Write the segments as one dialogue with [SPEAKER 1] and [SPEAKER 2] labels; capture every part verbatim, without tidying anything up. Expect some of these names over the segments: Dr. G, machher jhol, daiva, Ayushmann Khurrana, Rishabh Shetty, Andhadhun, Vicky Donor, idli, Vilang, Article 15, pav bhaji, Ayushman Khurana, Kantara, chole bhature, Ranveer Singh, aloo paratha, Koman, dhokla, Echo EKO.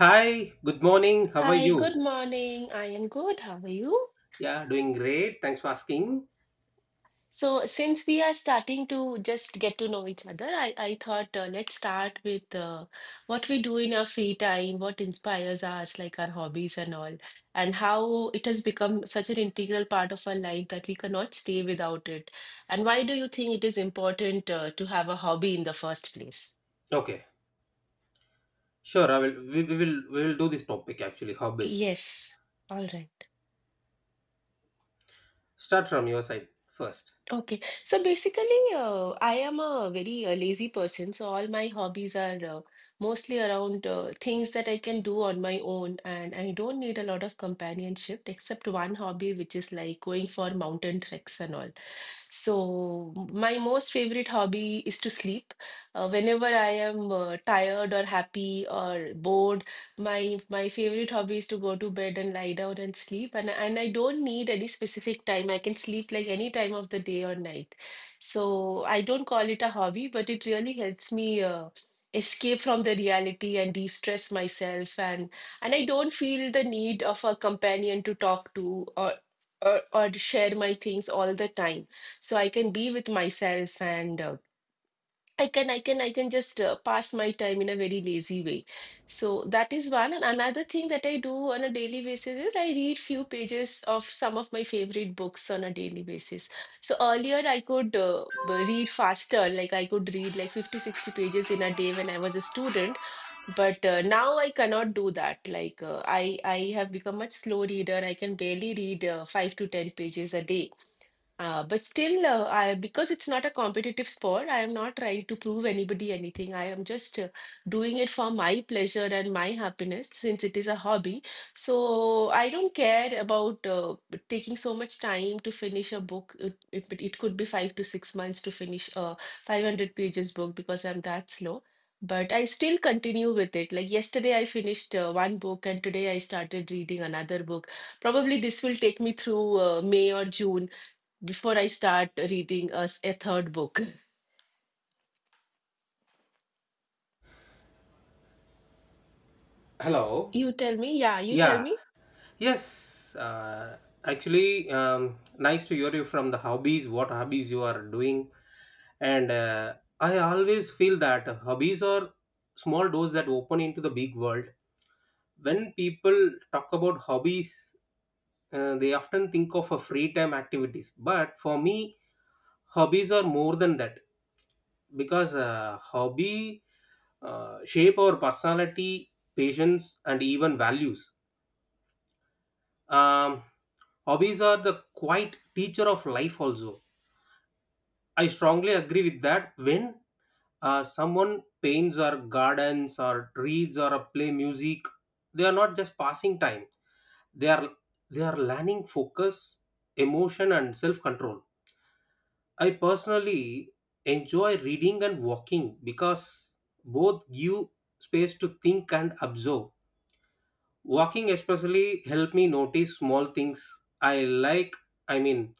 [SPEAKER 1] Hi, good morning. How are
[SPEAKER 2] Hi, good
[SPEAKER 1] you?
[SPEAKER 2] morning. I am good. How are you?
[SPEAKER 1] Yeah, doing great. Thanks for asking.
[SPEAKER 2] So, since we are starting to just get to know each other, I, I thought, uh, let's start with uh, what we do in our free time, what inspires us, like our hobbies and all, and how it has become such an integral part of our life that we cannot stay without it. And why do you think it is important uh, to have a hobby in the first place?
[SPEAKER 1] Okay, sure. I will. We, we will. We will do this topic actually. Hobbies.
[SPEAKER 2] Yes. All right.
[SPEAKER 1] Start from your side first.
[SPEAKER 2] Okay. So basically, uh, I am a very uh, lazy person. So all my hobbies are uh, mostly around uh, things that I can do on my own, and I don't need a lot of companionship except one hobby, which is like going for mountain treks and all. So, my most favorite hobby is to sleep. Uh, whenever I am uh, tired or happy or bored, my my favorite hobby is to go to bed and lie down and sleep. And and I don't need any specific time. I can sleep like any time of the day or night. So I don't call it a hobby, but it really helps me uh, escape from the reality and de-stress myself. And and I don't feel the need of a companion to talk to or or, or share my things all the time, so I can be with myself and, uh, I can i can i can just uh, pass my time in a very lazy way. So that is one, and another thing that I do on a daily basis is I read few pages of some of my favorite books on a daily basis. So earlier I could, uh, b- read faster. Like I could read like fifty, sixty pages in a day when I was a student, but uh, now I cannot do that. Like, uh, i i have become much slow reader. I can barely read uh, five to ten pages a day. Uh, but still, uh, I, because it's not a competitive sport, I am not trying to prove anybody anything. I am just uh, doing it for my pleasure and my happiness since it is a hobby. So I don't care about uh, taking so much time to finish a book. It, it, it could be five to six months to finish a five hundred pages book because I'm that slow. But I still continue with it. Like yesterday, I finished uh, one book, and today I started reading another book. Probably this will take me through uh, May or June before I start reading us a third book.
[SPEAKER 1] Hello.
[SPEAKER 2] You tell me, yeah, you tell
[SPEAKER 1] Yeah.
[SPEAKER 2] me.
[SPEAKER 1] Yes. Uh, actually, um, nice to hear you from the hobbies. What hobbies you are doing? And uh, I always feel that hobbies are small doors that open into the big world. When people talk about hobbies, uh, they often think of a free time activities, but for me hobbies are more than that, because uh, hobby uh, shape our personality, patience, and even values. um, Hobbies are the quiet teacher of life also. I strongly agree with that. When uh, someone paints or gardens or reads or uh, play music, they are not just passing time. They are they are learning focus, emotion, and self control. I personally enjoy reading and walking because both give space to think and observe. Walking especially help me notice small things I like. I mean,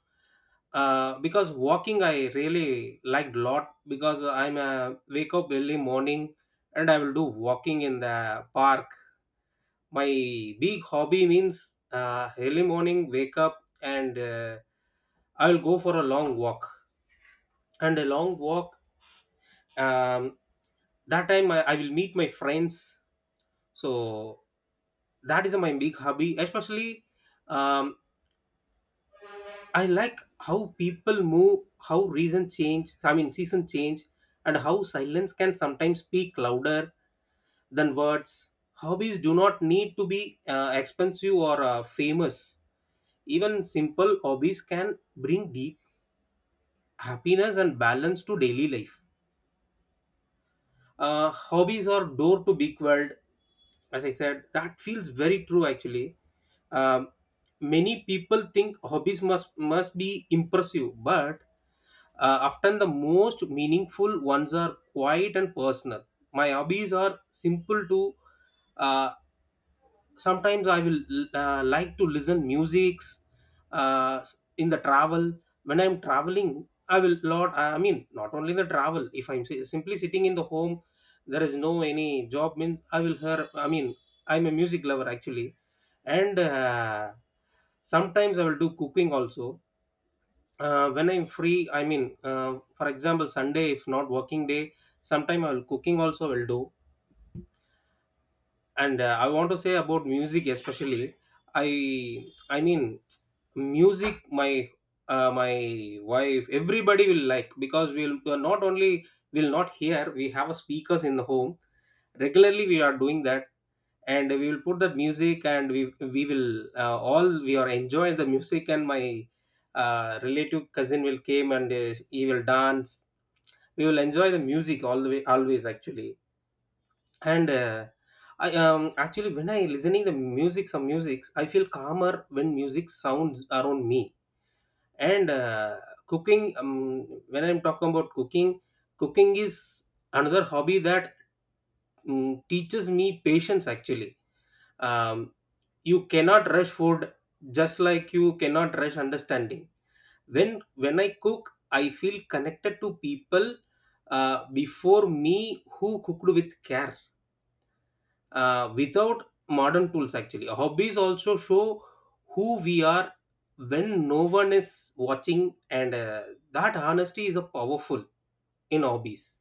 [SPEAKER 1] uh, because walking I really liked lot, because I'm a wake up early morning and I will do walking in the park. My big hobby means uh, early morning wake up and uh, I will go for a long walk. And a long walk, um, that time I, I will meet my friends, so that is my big hobby especially. um, I like how people move, how reason change I mean season change, and how silence can sometimes speak louder than words. Hobbies do not need to be uh, expensive or uh, famous. Even simple hobbies can bring deep happiness and balance to daily life. Uh, hobbies are door to big world, as I said. That feels very true actually. um, Many people think hobbies must must be impressive, but uh, often the most meaningful ones are quiet and personal. My hobbies are simple to. uh, Sometimes I will uh, like to listen musics, uh, in the travel. When I'm traveling, I will lot. I mean, not only the travel, if I'm si- simply sitting in the home, there is no any job means I will hear. I mean, I'm a music lover actually. And uh, sometimes I will do cooking also, uh, when I'm free. I mean, uh, for example Sunday if not working day, sometime I will cooking also will do. And uh, I want to say about music especially. I i mean music my, uh, my wife everybody will like, because we'll we are not only will not hear, we have a speakers in the home. Regularly we are doing that, and we will put that music, and we we will uh, all we are enjoying the music. And my uh, relative cousin will came and uh, he will dance. We will enjoy the music all the way always actually. And uh, i um actually when I listening the music, some musics I feel calmer when music sounds around me. And uh, cooking. Um, when I'm talking about cooking, cooking is another hobby that mm, teaches me patience actually. um, you cannot rush food, just like you cannot rush understanding. When when i cook, I feel connected to people uh, before me who cooked with care, uh, without modern tools. Actually hobbies also show who we are when no one is watching, and uh, that honesty is a powerful in hobbies.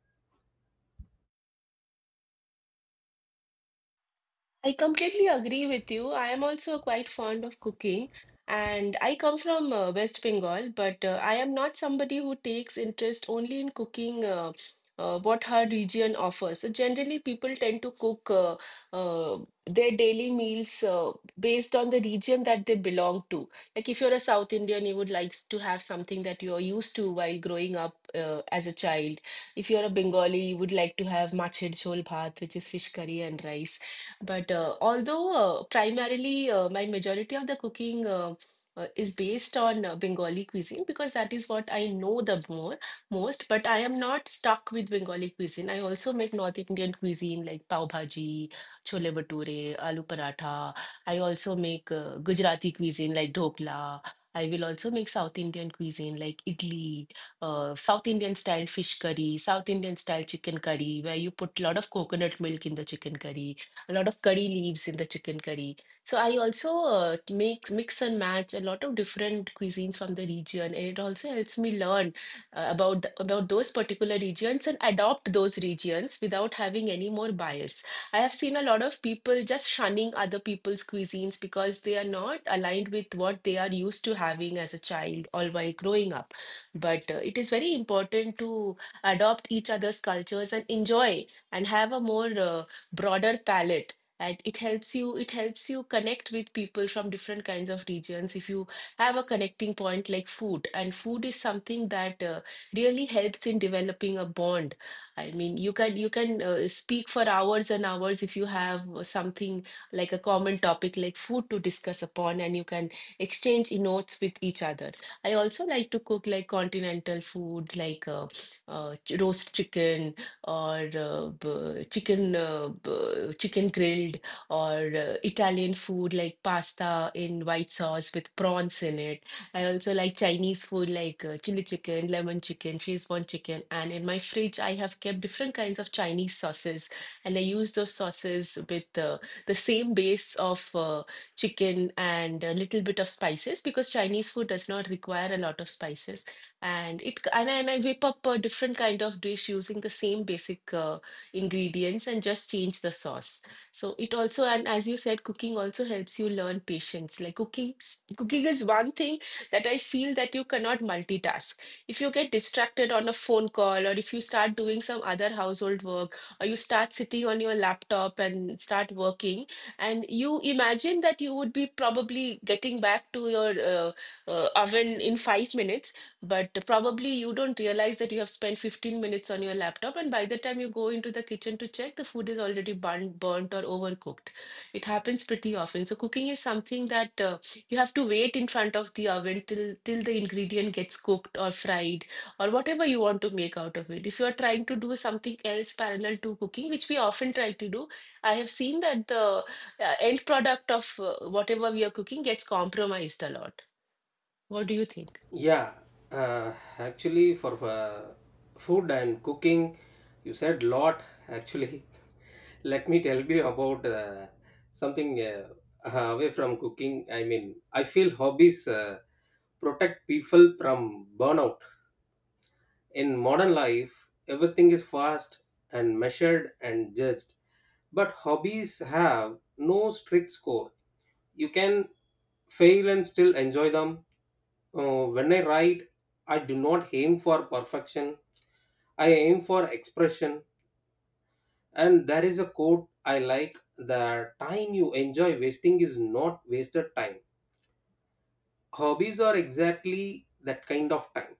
[SPEAKER 2] I completely agree with you. I am also quite fond of cooking, and I come from uh, West Bengal, but uh, I am not somebody who takes interest only in cooking uh, uh, what her region offers. So generally, people tend to cook uh, uh, their daily meals uh, based on the region that they belong to. Like if you're a South Indian, you would like s- to have something that you're used to while growing up uh, as a child. If you're a Bengali, you would like to have machher jhol bhat, which is fish curry and rice. But uh, although uh, primarily uh, my majority of the cooking uh, uh, is based on uh, Bengali cuisine because that is what I know the more most. But I am not stuck with Bengali cuisine. I also make North Indian cuisine like pav bhaji, chole bhature, aloo paratha. I also make uh, Gujarati cuisine like dhokla. I will also make South Indian cuisine like idli, uh, South Indian style fish curry, South Indian style chicken curry, where you put a lot of coconut milk in the chicken curry, a lot of curry leaves in the chicken curry. So I also uh, make mix and match a lot of different cuisines from the region, and it also helps me learn uh, about the, about those particular regions and adopt those regions without having any more bias. I have seen a lot of people just shunning other people's cuisines because they are not aligned with what they are used to having as a child or while growing up. But uh, it is very important to adopt each other's cultures and enjoy and have a more, uh, broader palette, and it helps you it helps you connect with people from different kinds of regions if you have a connecting point like food. And food is something that uh, really helps in developing a bond. I mean, you can you can, uh, speak for hours and hours if you have uh, something like a common topic like food to discuss upon, and you can exchange notes with each other. I also like to cook like continental food, like, uh, uh, ch- roast chicken, or uh, b- chicken uh, b- chicken grilled, or uh, Italian food like pasta in white sauce with prawns in it. I also like Chinese food like uh, chili chicken, lemon chicken, Szechuan chicken. And in my fridge, I have kept different kinds of Chinese sauces. And I use those sauces with uh, the same base of uh, chicken and a little bit of spices, because Chinese food does not require a lot of spices, and it and, I- and I whip up a different kind of dish using the same basic uh, ingredients and just change the sauce. So it also, and as you said, cooking also helps you learn patience. Like cooking, s- cooking is one thing that I feel that you cannot multitask. If you get distracted on a phone call, or if you start doing some other household work, or you start sitting on your laptop and start working, and you imagine that you would be probably getting back to your uh, uh, oven in five minutes, but probably you don't realize that you have spent fifteen minutes on your laptop, and by the time you go into the kitchen to check, the food is already burnt, burnt or overcooked. It happens pretty often. So cooking is something that uh, you have to wait in front of the oven till till the ingredient gets cooked or fried or whatever you want to make out of it. If you are trying to do something else parallel to cooking, which we often try to do, I have seen that the uh, end product of uh, whatever we are cooking gets compromised a lot. What do you think?
[SPEAKER 1] Yeah. Uh, actually for uh, food and cooking, you said lot actually. Let me tell you about uh, something uh, away from cooking. I mean, I feel hobbies uh, protect people from burnout. In modern life, everything is fast and measured and judged, but hobbies have no strict score. You can fail and still enjoy them. Uh, when I write, I do not aim for perfection, I aim for expression. And there is a quote I like: the time you enjoy wasting is not wasted time. Hobbies are exactly that kind of time.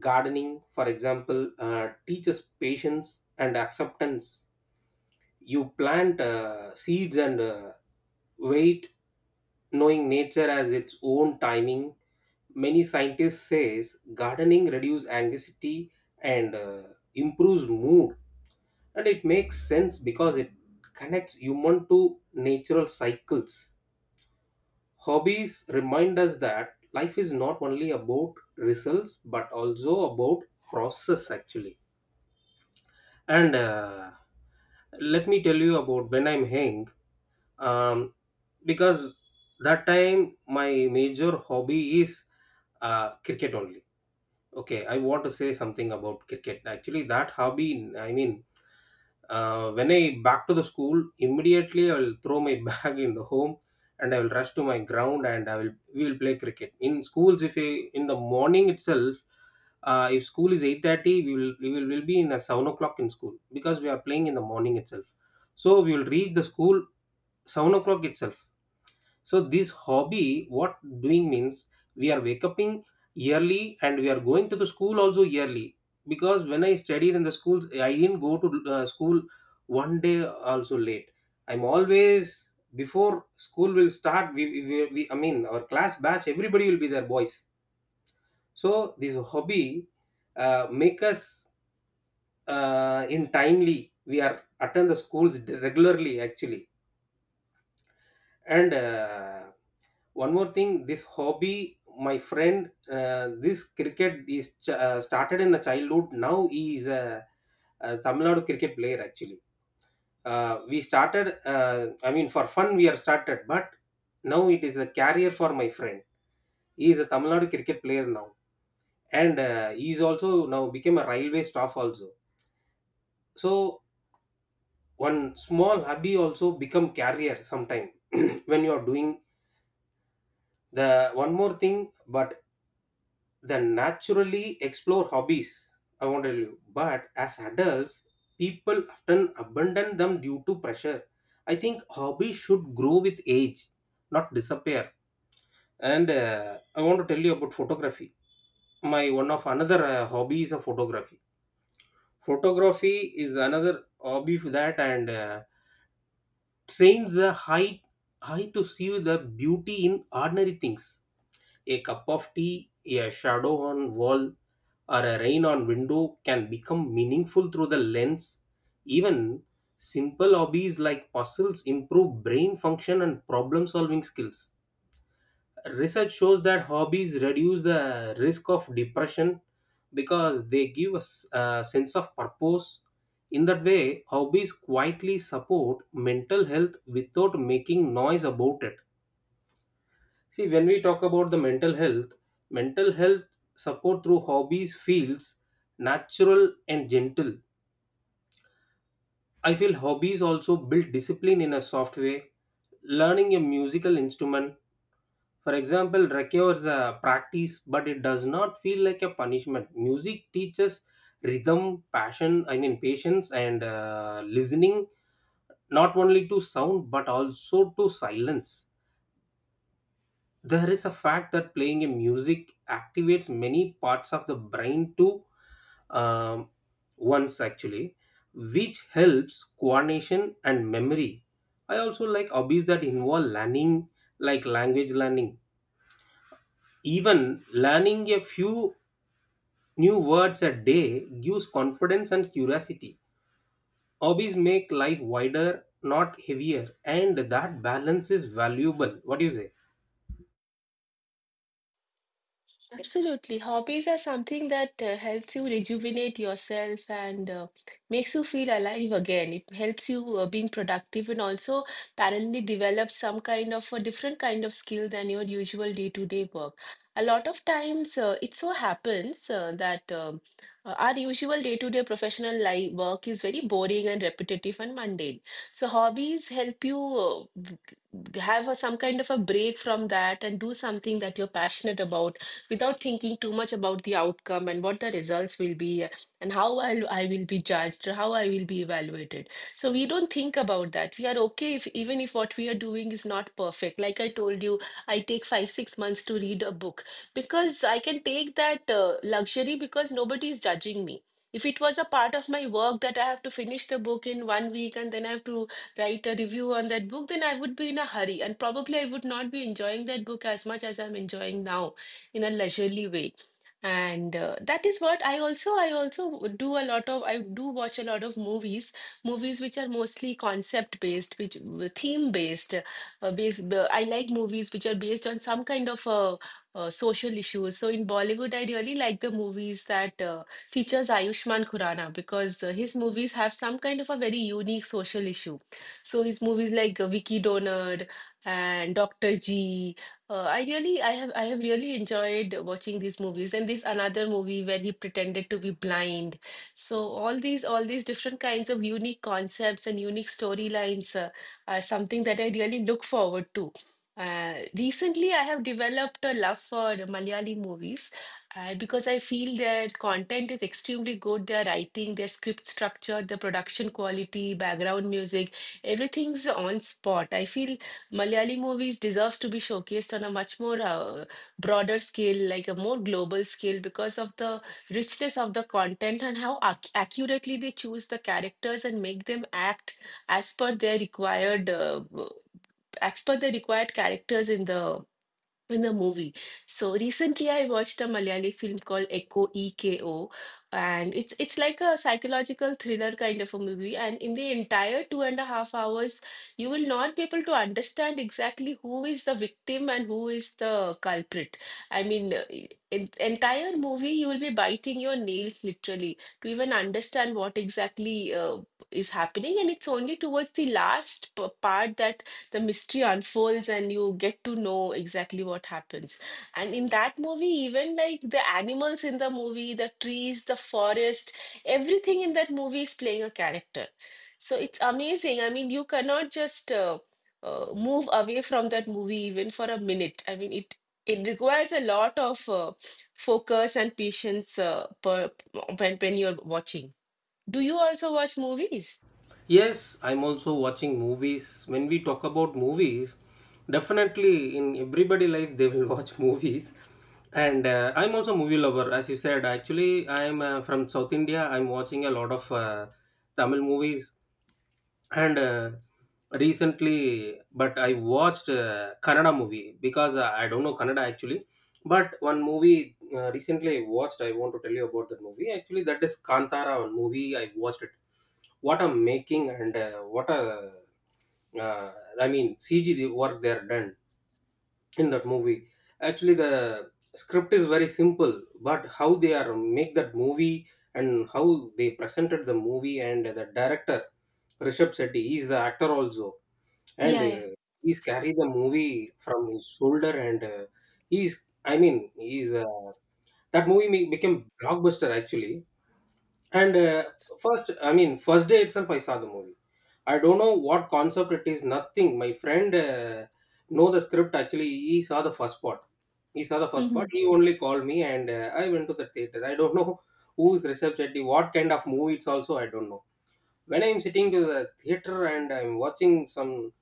[SPEAKER 1] Gardening, for example, uh, teaches patience and acceptance. You plant uh, seeds and uh, wait, knowing nature as its own timing. Many scientists says gardening reduces anxiety and uh, improves mood, and it makes sense because it connects human to natural cycles. Hobbies remind us that life is not only about results but also about process actually. And uh, let me tell you about when I'm hanging. um, because that time my major hobby is uh, cricket only. Okay, I want to say something about cricket actually. That hobby, I mean, uh, when I back to the school, immediately I will throw my bag in the home, and I will rush to my ground, and I will we will play cricket in schools if we, in the morning itself. Uh, if school is eight thirty, we will we will, will be in a seven o'clock in school, because we are playing in the morning itself. So we will reach the school seven o'clock itself. So this hobby, what doing means, we are waking up early, and we are going to the school also yearly. Because when I studied in the schools, I didn't go to uh, school one day also late. I'm always before school will start. We, we, we I mean our class batch everybody will be there, boys. So this hobby uh, make us uh, in timely. We are attend the schools regularly actually. And uh, one more thing, this hobby my friend, uh, this cricket is ch- uh, started in the childhood. Now he is a, a Tamil Nadu cricket player actually. Uh, we started, uh, I mean, for fun we are started, but now it is a career for my friend. He is a Tamil Nadu cricket player now. And uh, he is also now became a railway staff also. So one small hobby also become career sometime. When you are doing the one more thing, but then naturally explore hobbies. I want to tell you, but as adults, people often abandon them due to pressure. I think hobbies should grow with age, not disappear. And uh, I want to tell you about photography. My one of another uh, hobby is a photography. Photography is another hobby for that, and uh, trains the eye eye to see the beauty in ordinary things. A cup of tea, a shadow on wall, or a rain on window can become meaningful through the lens. Even simple hobbies like puzzles improve brain function and problem solving skills. Research shows that hobbies reduce the risk of depression because they give us a sense of purpose. In that way, hobbies quietly support mental health without making noise about it. See, when we talk about the mental health, mental health support through hobbies feels natural and gentle. I feel hobbies also build discipline in a soft way. Learning a musical instrument, for example, requires a practice, but it does not feel like a punishment. Music teaches rhythm, passion, I mean, patience, and uh, listening not only to sound but also to silence. There is a fact that playing a music activates many parts of the brain to, um, once actually, which helps coordination and memory. I also like hobbies that involve learning, like language learning. Even learning a few new words a day gives confidence and curiosity. Hobbies make life wider not heavier, and that balance is valuable. What do you say?
[SPEAKER 2] Absolutely. Hobbies are something that uh, helps you rejuvenate yourself and uh, makes you feel alive again. It helps you uh, being productive and also parallelly develop some kind of a different kind of skill than your usual day-to-day work. A lot of times uh, it so happens uh, that um, uh, our usual day-to-day professional life work is very boring and repetitive and mundane. So hobbies help you uh, g- g- have a, some kind of a break from that and do something that you're passionate about without thinking too much about the outcome and what the results will be, uh, and how I'll, I will be judged or how I will be evaluated. So we don't think about that. We are okay if even if what we are doing is not perfect. Like I told you, I take five, six months to read a book because I can take that uh, luxury because nobody is judging me. If it was a part of my work that I have to finish the book in one week and then I have to write a review on that book, then I would be in a hurry, and probably I would not be enjoying that book as much as I'm enjoying now in a leisurely way. And uh, that is what I also, i also do a lot of, I do watch a lot of movies, movies which are mostly concept based, which theme based, uh, based uh, I like movies which are based on some kind of uh, uh, social issues. So in Bollywood, I really like the movies that uh, features Ayushmann Khurrana, because uh, his movies have some kind of a very unique social issue. So his movies like uh, Vicky Donut and Dr. G, uh, I really, I have, I have really enjoyed watching these movies, and this another movie where he pretended to be blind. So all these, all these different kinds of unique concepts and unique storylines uh, are something that I really look forward to. Uh, recently, I have developed a love for Malayali movies uh, because I feel their content is extremely good. Their writing, their script structure, the production quality, background music, everything's on spot. I feel Malayali movies deserves to be showcased on a much more uh, broader scale, like a more global scale, because of the richness of the content and how ac- accurately they choose the characters and make them act as per their required, uh, as per the required characters in the in a movie. So recently I watched a Malayali film called Echo E K O, and it's it's like a psychological thriller kind of a movie, and in the entire two and a half hours you will not be able to understand exactly who is the victim and who is the culprit. I mean, uh, i- in entire movie you will be biting your nails literally to even understand what exactly uh, is happening, and it's only towards the last p- part that the mystery unfolds and you get to know exactly what happens. And in that movie, even like the animals in the movie, the trees, the forest, everything in that movie is playing a character. So it's amazing. I mean, you cannot just uh, uh, move away from that movie even for a minute. I mean, it it requires a lot of uh, focus and patience, uh, per, when when you're watching. Do you also watch movies?
[SPEAKER 1] Yes, I'm also watching movies. When we talk about movies, definitely in everybody life they will watch movies. And uh, I'm also movie lover, as you said. Actually, I'm uh, from South India. I'm watching a lot of uh, Tamil movies. And uh, recently, but I watched uh, Kannada movie because I I don't know Kannada actually. But one movie uh, recently I watched, I want to tell you about that movie. Actually, that is Kantara, one movie I watched it. What a making, and uh, what a, uh, I mean, C G the work they are done in that movie. Actually the script is very simple, but how they are make that movie and how they presented the movie, and the director Rishabh Shetty, he is the actor also. And
[SPEAKER 2] Yeah, yeah.
[SPEAKER 1] uh, he's carry the movie from his shoulder, and uh, he's I mean he's uh, that movie make, became blockbuster actually. And uh, first, I mean, first day itself I saw the movie. I don't know what concept it is, nothing. My friend uh, know the script actually. He saw the first part. He saw the first part.
[SPEAKER 2] Hmm.
[SPEAKER 1] He only called me, and uh, I went to the theater. I don't know who is Rishabh Chetty, what kind of movie it's also. I don't know. When I'm sitting to the theater and I'm watching some,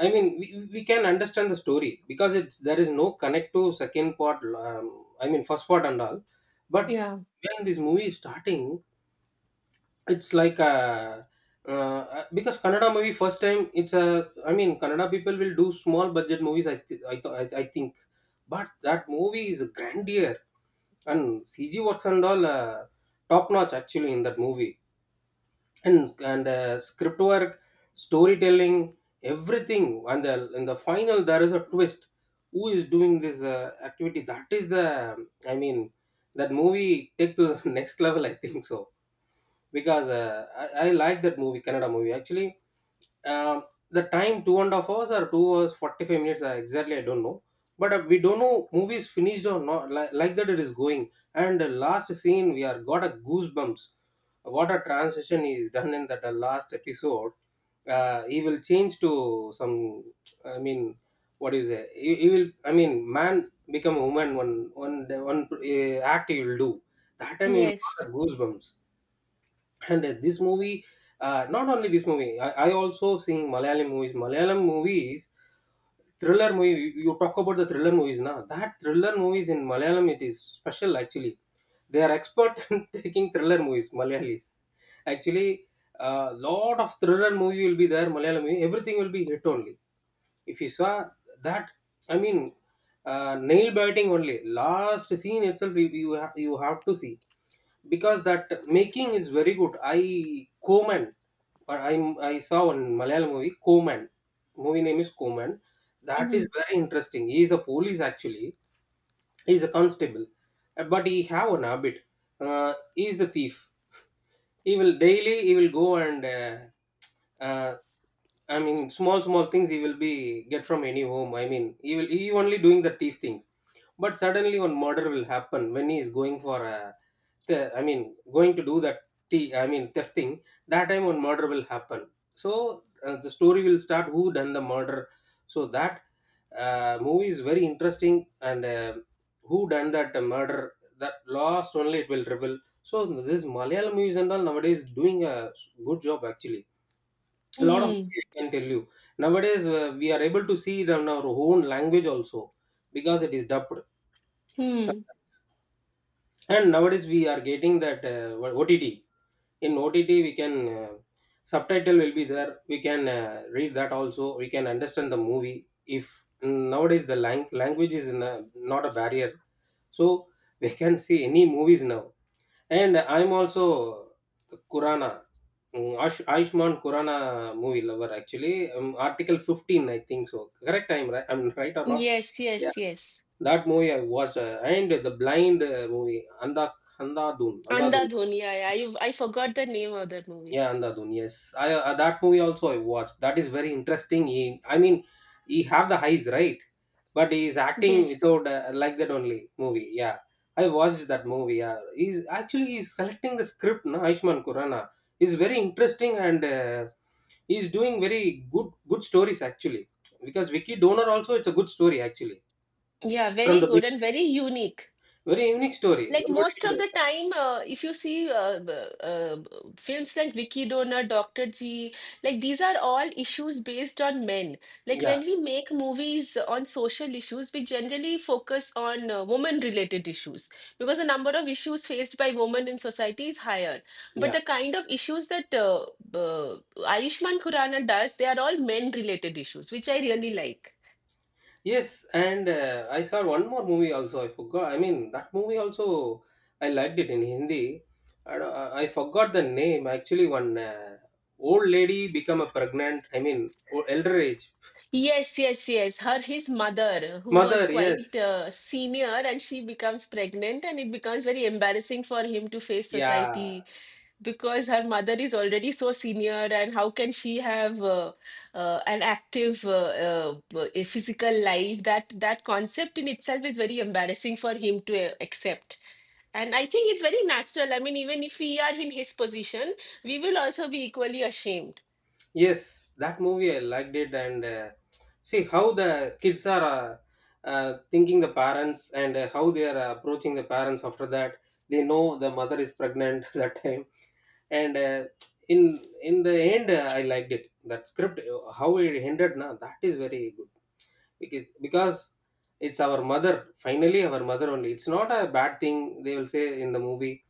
[SPEAKER 1] I mean, we, we can understand the story because it's there is no connect to second part. Um, I mean, first part and all. But
[SPEAKER 2] Yeah.
[SPEAKER 1] when this movie is starting, it's like a uh, because Kannada movie first time it's a I mean Kannada people will do small budget movies I th- I, th- I I think. But that movie is grandeur and C G works and all uh, top notch actually in that movie. And and uh, script work, storytelling, everything. And the, in the final, there is a twist. Who is doing this uh, activity? That is the I mean, that movie take to the next level, I think so, because uh, I, I like that movie, Kannada movie actually. um, the time two and a half hours or two hours forty-five minutes uh, exactly I don't know, but uh, we don't know movie is finished or not, like, like that it is going, and the last scene we are got a goosebumps. What a transition is done in that uh, last episode. Uh, he will change to some, I mean, what is it, he, he will, I mean, man become a woman, one one one uh, act he will do. That time he will got
[SPEAKER 2] Yes.
[SPEAKER 1] a goosebumps. And uh, this movie, uh, not only this movie, I, I also seeing malayalam movies, malayalam movies thriller movie. You you talk about the thriller movies now, that thriller movies in malayalam, it is special actually. They are expert in taking thriller movies, malayalis, actually. A lot of thriller movie will be there, malayalam movie everything will be hit only. If you saw that, I mean, uh, nail biting only, last scene itself you, you, ha- you have to see, because that making is very good. I Koman or i i saw one malayalam movie, Koman. Movie name is Koman. That is very interesting. He is a police actually, he is a constable. Uh, but he have an habit. uh, he is the thief. He will daily he will go and uh, uh, I mean small small things he will be get from any home. I mean he will he only doing the thief things. But suddenly one murder will happen when he is going for a the- I mean, going to do that, th I mean, theft thing, that time one murder will happen. So uh, the story will start, who done the murder. So that uh, movie is very interesting, and uh, who done that murder, that last only it will reveal. So this Malayalam movies and all nowadays doing a good job actually. A lot of,
[SPEAKER 2] Hmm.
[SPEAKER 1] I can tell you, nowadays uh, we are able to see it on our own language also because it is dubbed. So-
[SPEAKER 2] Hmm.
[SPEAKER 1] And nowadays we are getting that uh, O T T. In O T T we can uh, subtitle will be there. We can uh, read that also. We can understand the movie. If nowadays the lang- language is na- not a barrier, so we can see any movies now. And I'm also the Kurana, mm, Ash- Ayushman Kurana movie lover actually. Um, Article fifteen, I think so. Correct time, right? I'm right or not?
[SPEAKER 2] Yes, yes,
[SPEAKER 1] Yeah.
[SPEAKER 2] yes.
[SPEAKER 1] That movie I watched, uh, and the Blind uh, movie, Anda Andadun, Andadun.
[SPEAKER 2] Andhadhun. Yeah, yeah. I I forgot the name of that movie.
[SPEAKER 1] Yeah, Andhadhun. Yes, I uh, that movie also I watched. That is very interesting. He, I mean, he have the highs, right? But he is acting
[SPEAKER 2] Yes.
[SPEAKER 1] without uh, like that only movie. Yeah, I watched that movie. Yeah, he's actually he's selecting the script. No, Aishman Kurana is very interesting, and uh, he's doing very good good stories actually. Because Vicky Donor also, it's a good story actually,
[SPEAKER 2] Yeah,
[SPEAKER 1] from
[SPEAKER 2] very
[SPEAKER 1] the big,
[SPEAKER 2] good and very unique.
[SPEAKER 1] very unique story.
[SPEAKER 2] Like
[SPEAKER 1] Nobody
[SPEAKER 2] most
[SPEAKER 1] will
[SPEAKER 2] of
[SPEAKER 1] do.
[SPEAKER 2] the time, uh, if you see uh, b- uh, b- films like Vicky Donor, doctor G, like these are all issues based on men. Like when
[SPEAKER 1] Yeah,
[SPEAKER 2] we make movies on social issues, we generally focus on uh, woman-related issues because the number of issues faced by women in society is higher. But
[SPEAKER 1] yeah.
[SPEAKER 2] the kind of issues that uh, b- Ayushmann Khurrana does, they are all men-related issues, which I really like.
[SPEAKER 1] Yes, and uh, I saw one more movie also. I forgot. I mean, that movie also I liked it in Hindi. I, don't- I I forgot the name. Actually, one uh, old lady become a pregnant, I mean, o- elder age
[SPEAKER 2] Yes, yes, yes. Her, his mother, who was
[SPEAKER 1] mother.
[SPEAKER 2] quite
[SPEAKER 1] Yes,
[SPEAKER 2] uh, senior, and she becomes pregnant, and it becomes very embarrassing for him to face
[SPEAKER 1] yeah,
[SPEAKER 2] society because her mother is already so senior, and how can she have uh, uh, an active uh, uh, a physical life? That that concept in itself is very embarrassing for him to uh, accept. And I think it's very natural. I mean, even if we are in his position, we will also be equally ashamed.
[SPEAKER 1] yes. That movie I liked it, and uh, see how the kids are uh, uh, thinking the parents, and uh, how they are approaching the parents after that. They know the mother is pregnant that time. And uh, in in the end, uh, I liked it. That script, uh, how it ended, na, that is very good, because because it's our mother. Finally, our mother only. It's not a bad thing, they will say in the movie.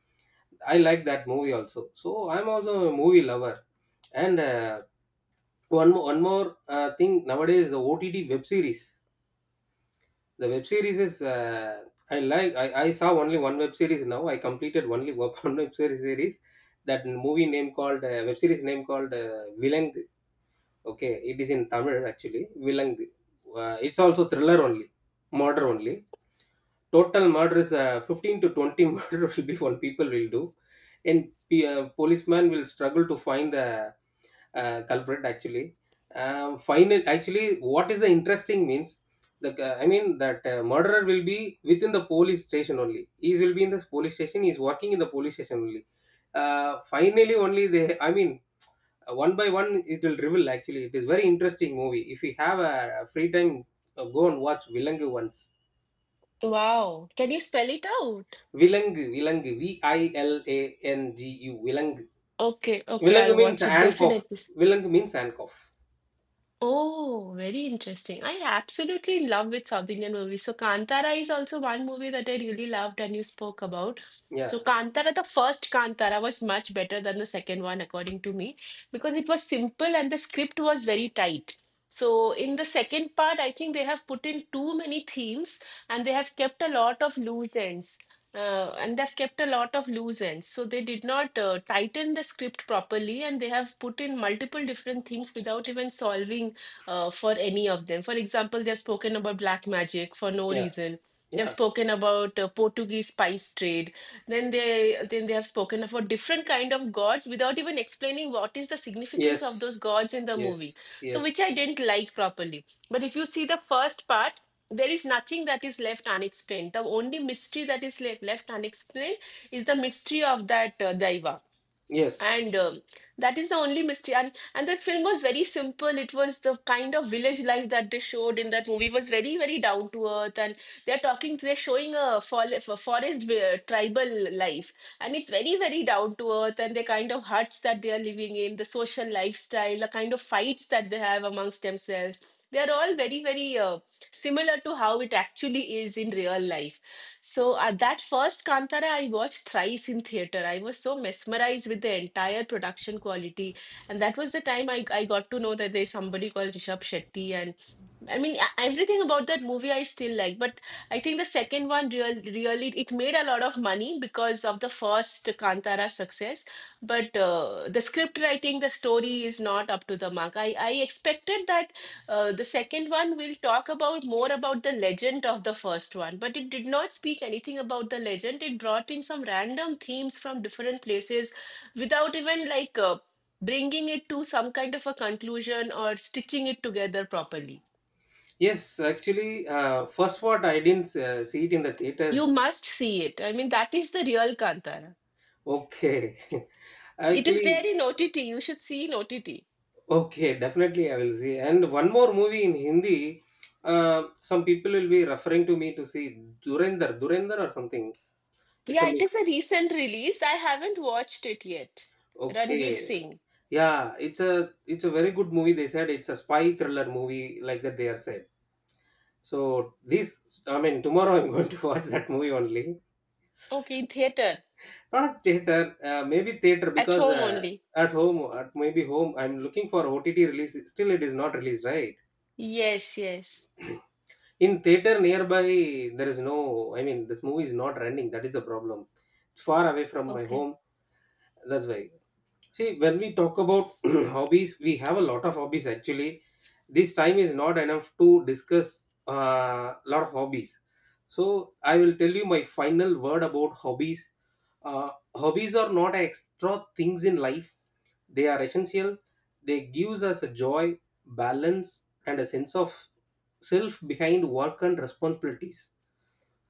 [SPEAKER 1] I like that movie also. So I'm also a movie lover. And uh, one more, one more uh, thing, nowadays the O T T web series. The web series is uh, I like. I, I saw only one web series now. I completed only one web series series. That movie name called uh, Web series name called uh, Vilang. Okay, it is in Tamil actually. Vilang. Uh, it's also thriller only, murder only, total murders uh, fifteen to twenty murders will be, what people will do, and p- uh, policeman will struggle to find the uh, culprit actually. Um, final actually, what is the interesting means, the uh, I mean that uh, murderer will be within the police station only, he will be in the police station, he's working in the police station only. Uh, finally only they, I mean, uh, one by one it will reveal actually. It is very interesting movie. If you have a, a free time, uh, go and watch vilangu once.
[SPEAKER 2] Wow. Can you spell it out?
[SPEAKER 1] விலங்கு விலங்கு விஐஎல்ஏஎன்ஜியு விலங்கு.
[SPEAKER 2] Okay, okay,
[SPEAKER 1] விலங்கு
[SPEAKER 2] I'll
[SPEAKER 1] means
[SPEAKER 2] watch it
[SPEAKER 1] ஆன்காஃப்.
[SPEAKER 2] definitely.
[SPEAKER 1] விலங்கு means ஆன்காஃப்.
[SPEAKER 2] Oh, very interesting. I absolutely in love with South Indian movies. So Kantara is also one movie that I really loved and you spoke about.
[SPEAKER 1] Yeah.
[SPEAKER 2] So Kantara, the first Kantara was much better than the second one, according to me, because it was simple and the script was very tight. So in the second part, I think they have put in too many themes and they have kept a lot of loose ends. Uh, and they've kept a lot of loose ends. So they did not uh, tighten the script properly, and they have put in multiple different themes without even solving uh, for any of them. For example, they've spoken about black magic for no
[SPEAKER 1] yeah.
[SPEAKER 2] reason.
[SPEAKER 1] Yeah.
[SPEAKER 2] They've spoken about uh, Portuguese spice trade. Then they then they have spoken about different kind of gods without even explaining what is the significance
[SPEAKER 1] yes.
[SPEAKER 2] of those gods in the
[SPEAKER 1] yes.
[SPEAKER 2] movie. So
[SPEAKER 1] yes.
[SPEAKER 2] which I didn't like properly. But if you see the first part, there is nothing that is left unexplained. The only mystery that is le- left unexplained is the mystery of that uh, daiva,
[SPEAKER 1] yes.
[SPEAKER 2] and um, that is the only mystery. and and the film was very simple. It was the kind of village life that they showed in that movie was very, very down to earth, and they're talking, they're showing a, for, a forest uh, tribal life, and it's very, very down to earth, and the kind of huts that they are living in, the social lifestyle, the kind of fights that they have amongst themselves, they are all very, very uh, similar to how it actually is in real life. So uh, that first Kantara I watched thrice in theater. I was so mesmerized with the entire production quality, and that was the time I, I got to know that there's somebody called Rishabh Shetty, and I mean, e- everything about that movie I still like, but I think the second one real, really it made a lot of money because of the first Kantara success. But uh, the script writing, the story is not up to the mark. I, I expected that uh, the second one will talk about more about the legend of the first one, but it did not speak anything about the legend. It brought in some random themes from different places without even like uh, bringing it to some kind of a conclusion or stitching it together properly.
[SPEAKER 1] Yes actually first what I didn't. See it in the theaters.
[SPEAKER 2] You must see it. I mean, that is the real Kantara.
[SPEAKER 1] Okay.
[SPEAKER 2] It is there
[SPEAKER 1] Actually,
[SPEAKER 2] in O T T. You should see in O T T.
[SPEAKER 1] okay, definitely I will see. And one more movie in Hindi, uh, some people will be referring to me to see, durendar durendar or something. It's
[SPEAKER 2] Yeah,
[SPEAKER 1] a
[SPEAKER 2] it is a
[SPEAKER 1] mystery.
[SPEAKER 2] recent release. I haven't watched it yet. Ranveer
[SPEAKER 1] Okay.
[SPEAKER 2] Singh.
[SPEAKER 1] Yeah, it's a it's a very good movie. They said it's a spy thriller movie, like that they are said. So this, I mean, tomorrow I'm going to watch that movie only.
[SPEAKER 2] Okay, in theater.
[SPEAKER 1] Not a theater, uh, maybe theater,
[SPEAKER 2] At
[SPEAKER 1] because
[SPEAKER 2] home
[SPEAKER 1] uh,
[SPEAKER 2] only.
[SPEAKER 1] at home at maybe home, I'm looking for O T T release. Still it is not released, right?
[SPEAKER 2] Yes, yes.
[SPEAKER 1] In theater nearby, there is no, I mean, this movie is not running. That is the problem. It's far away from my
[SPEAKER 2] Okay.
[SPEAKER 1] home. That's why. See, when we talk about hobbies, we have a lot of hobbies actually. This time is not enough to discuss a uh, lot of hobbies. So, I will tell you my final word about hobbies. Uh, hobbies are not extra things in life, they are essential. They gives us a joy, balance, and a sense of self behind work and responsibilities.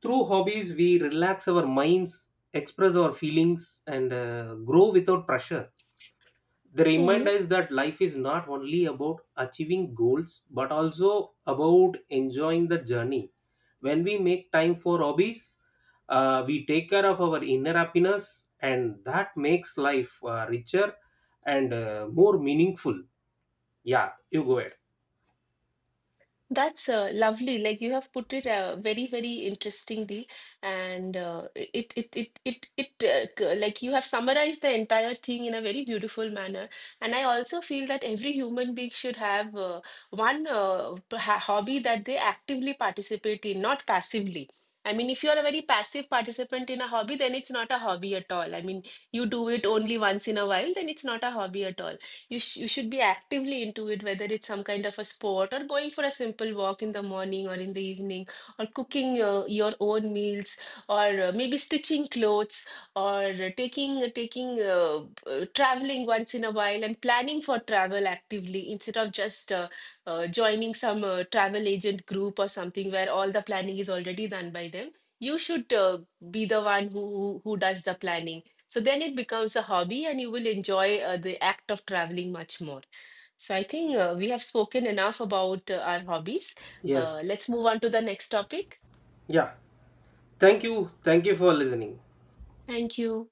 [SPEAKER 1] Through hobbies, we relax our minds, express our feelings, and uh, grow without pressure. The reminder
[SPEAKER 2] Mhm.
[SPEAKER 1] is that life is not only about achieving goals, but also about enjoying the journey. When we make time for hobbies, uh, we take care of our inner happiness, and that makes life uh, richer and uh, more meaningful. Yeah, you go ahead.
[SPEAKER 2] That's uh, lovely. Like you have put it uh, very, very interestingly, and uh, it, it, it, it, it, uh, c- like you have summarized the entire thing in a very beautiful manner. And I also feel that every human being should have uh, one uh, p- ha- hobby that they actively participate in, not passively. I mean, if you're a very passive participant in a hobby, then it's not a hobby at all. I mean, you do it only once in a while, then it's not a hobby at all. You sh you should be actively into it, whether it's some kind of a sport, or going for a simple walk in the morning or in the evening, or cooking uh, your own meals, or uh, maybe stitching clothes, or uh, taking taking uh, uh, traveling once in a while and planning for travel actively instead of just uh, uh, joining some uh, travel agent group or something where all the planning is already done by them. You should uh, be the one who who who does the planning, so then it becomes a hobby and you will enjoy uh, the act of traveling much more. So I think uh, we have spoken enough about uh, our hobbies. Uh,
[SPEAKER 1] Yes.
[SPEAKER 2] let's move on to the next topic.
[SPEAKER 1] Yeah, thank you, thank you for listening.
[SPEAKER 2] Thank you.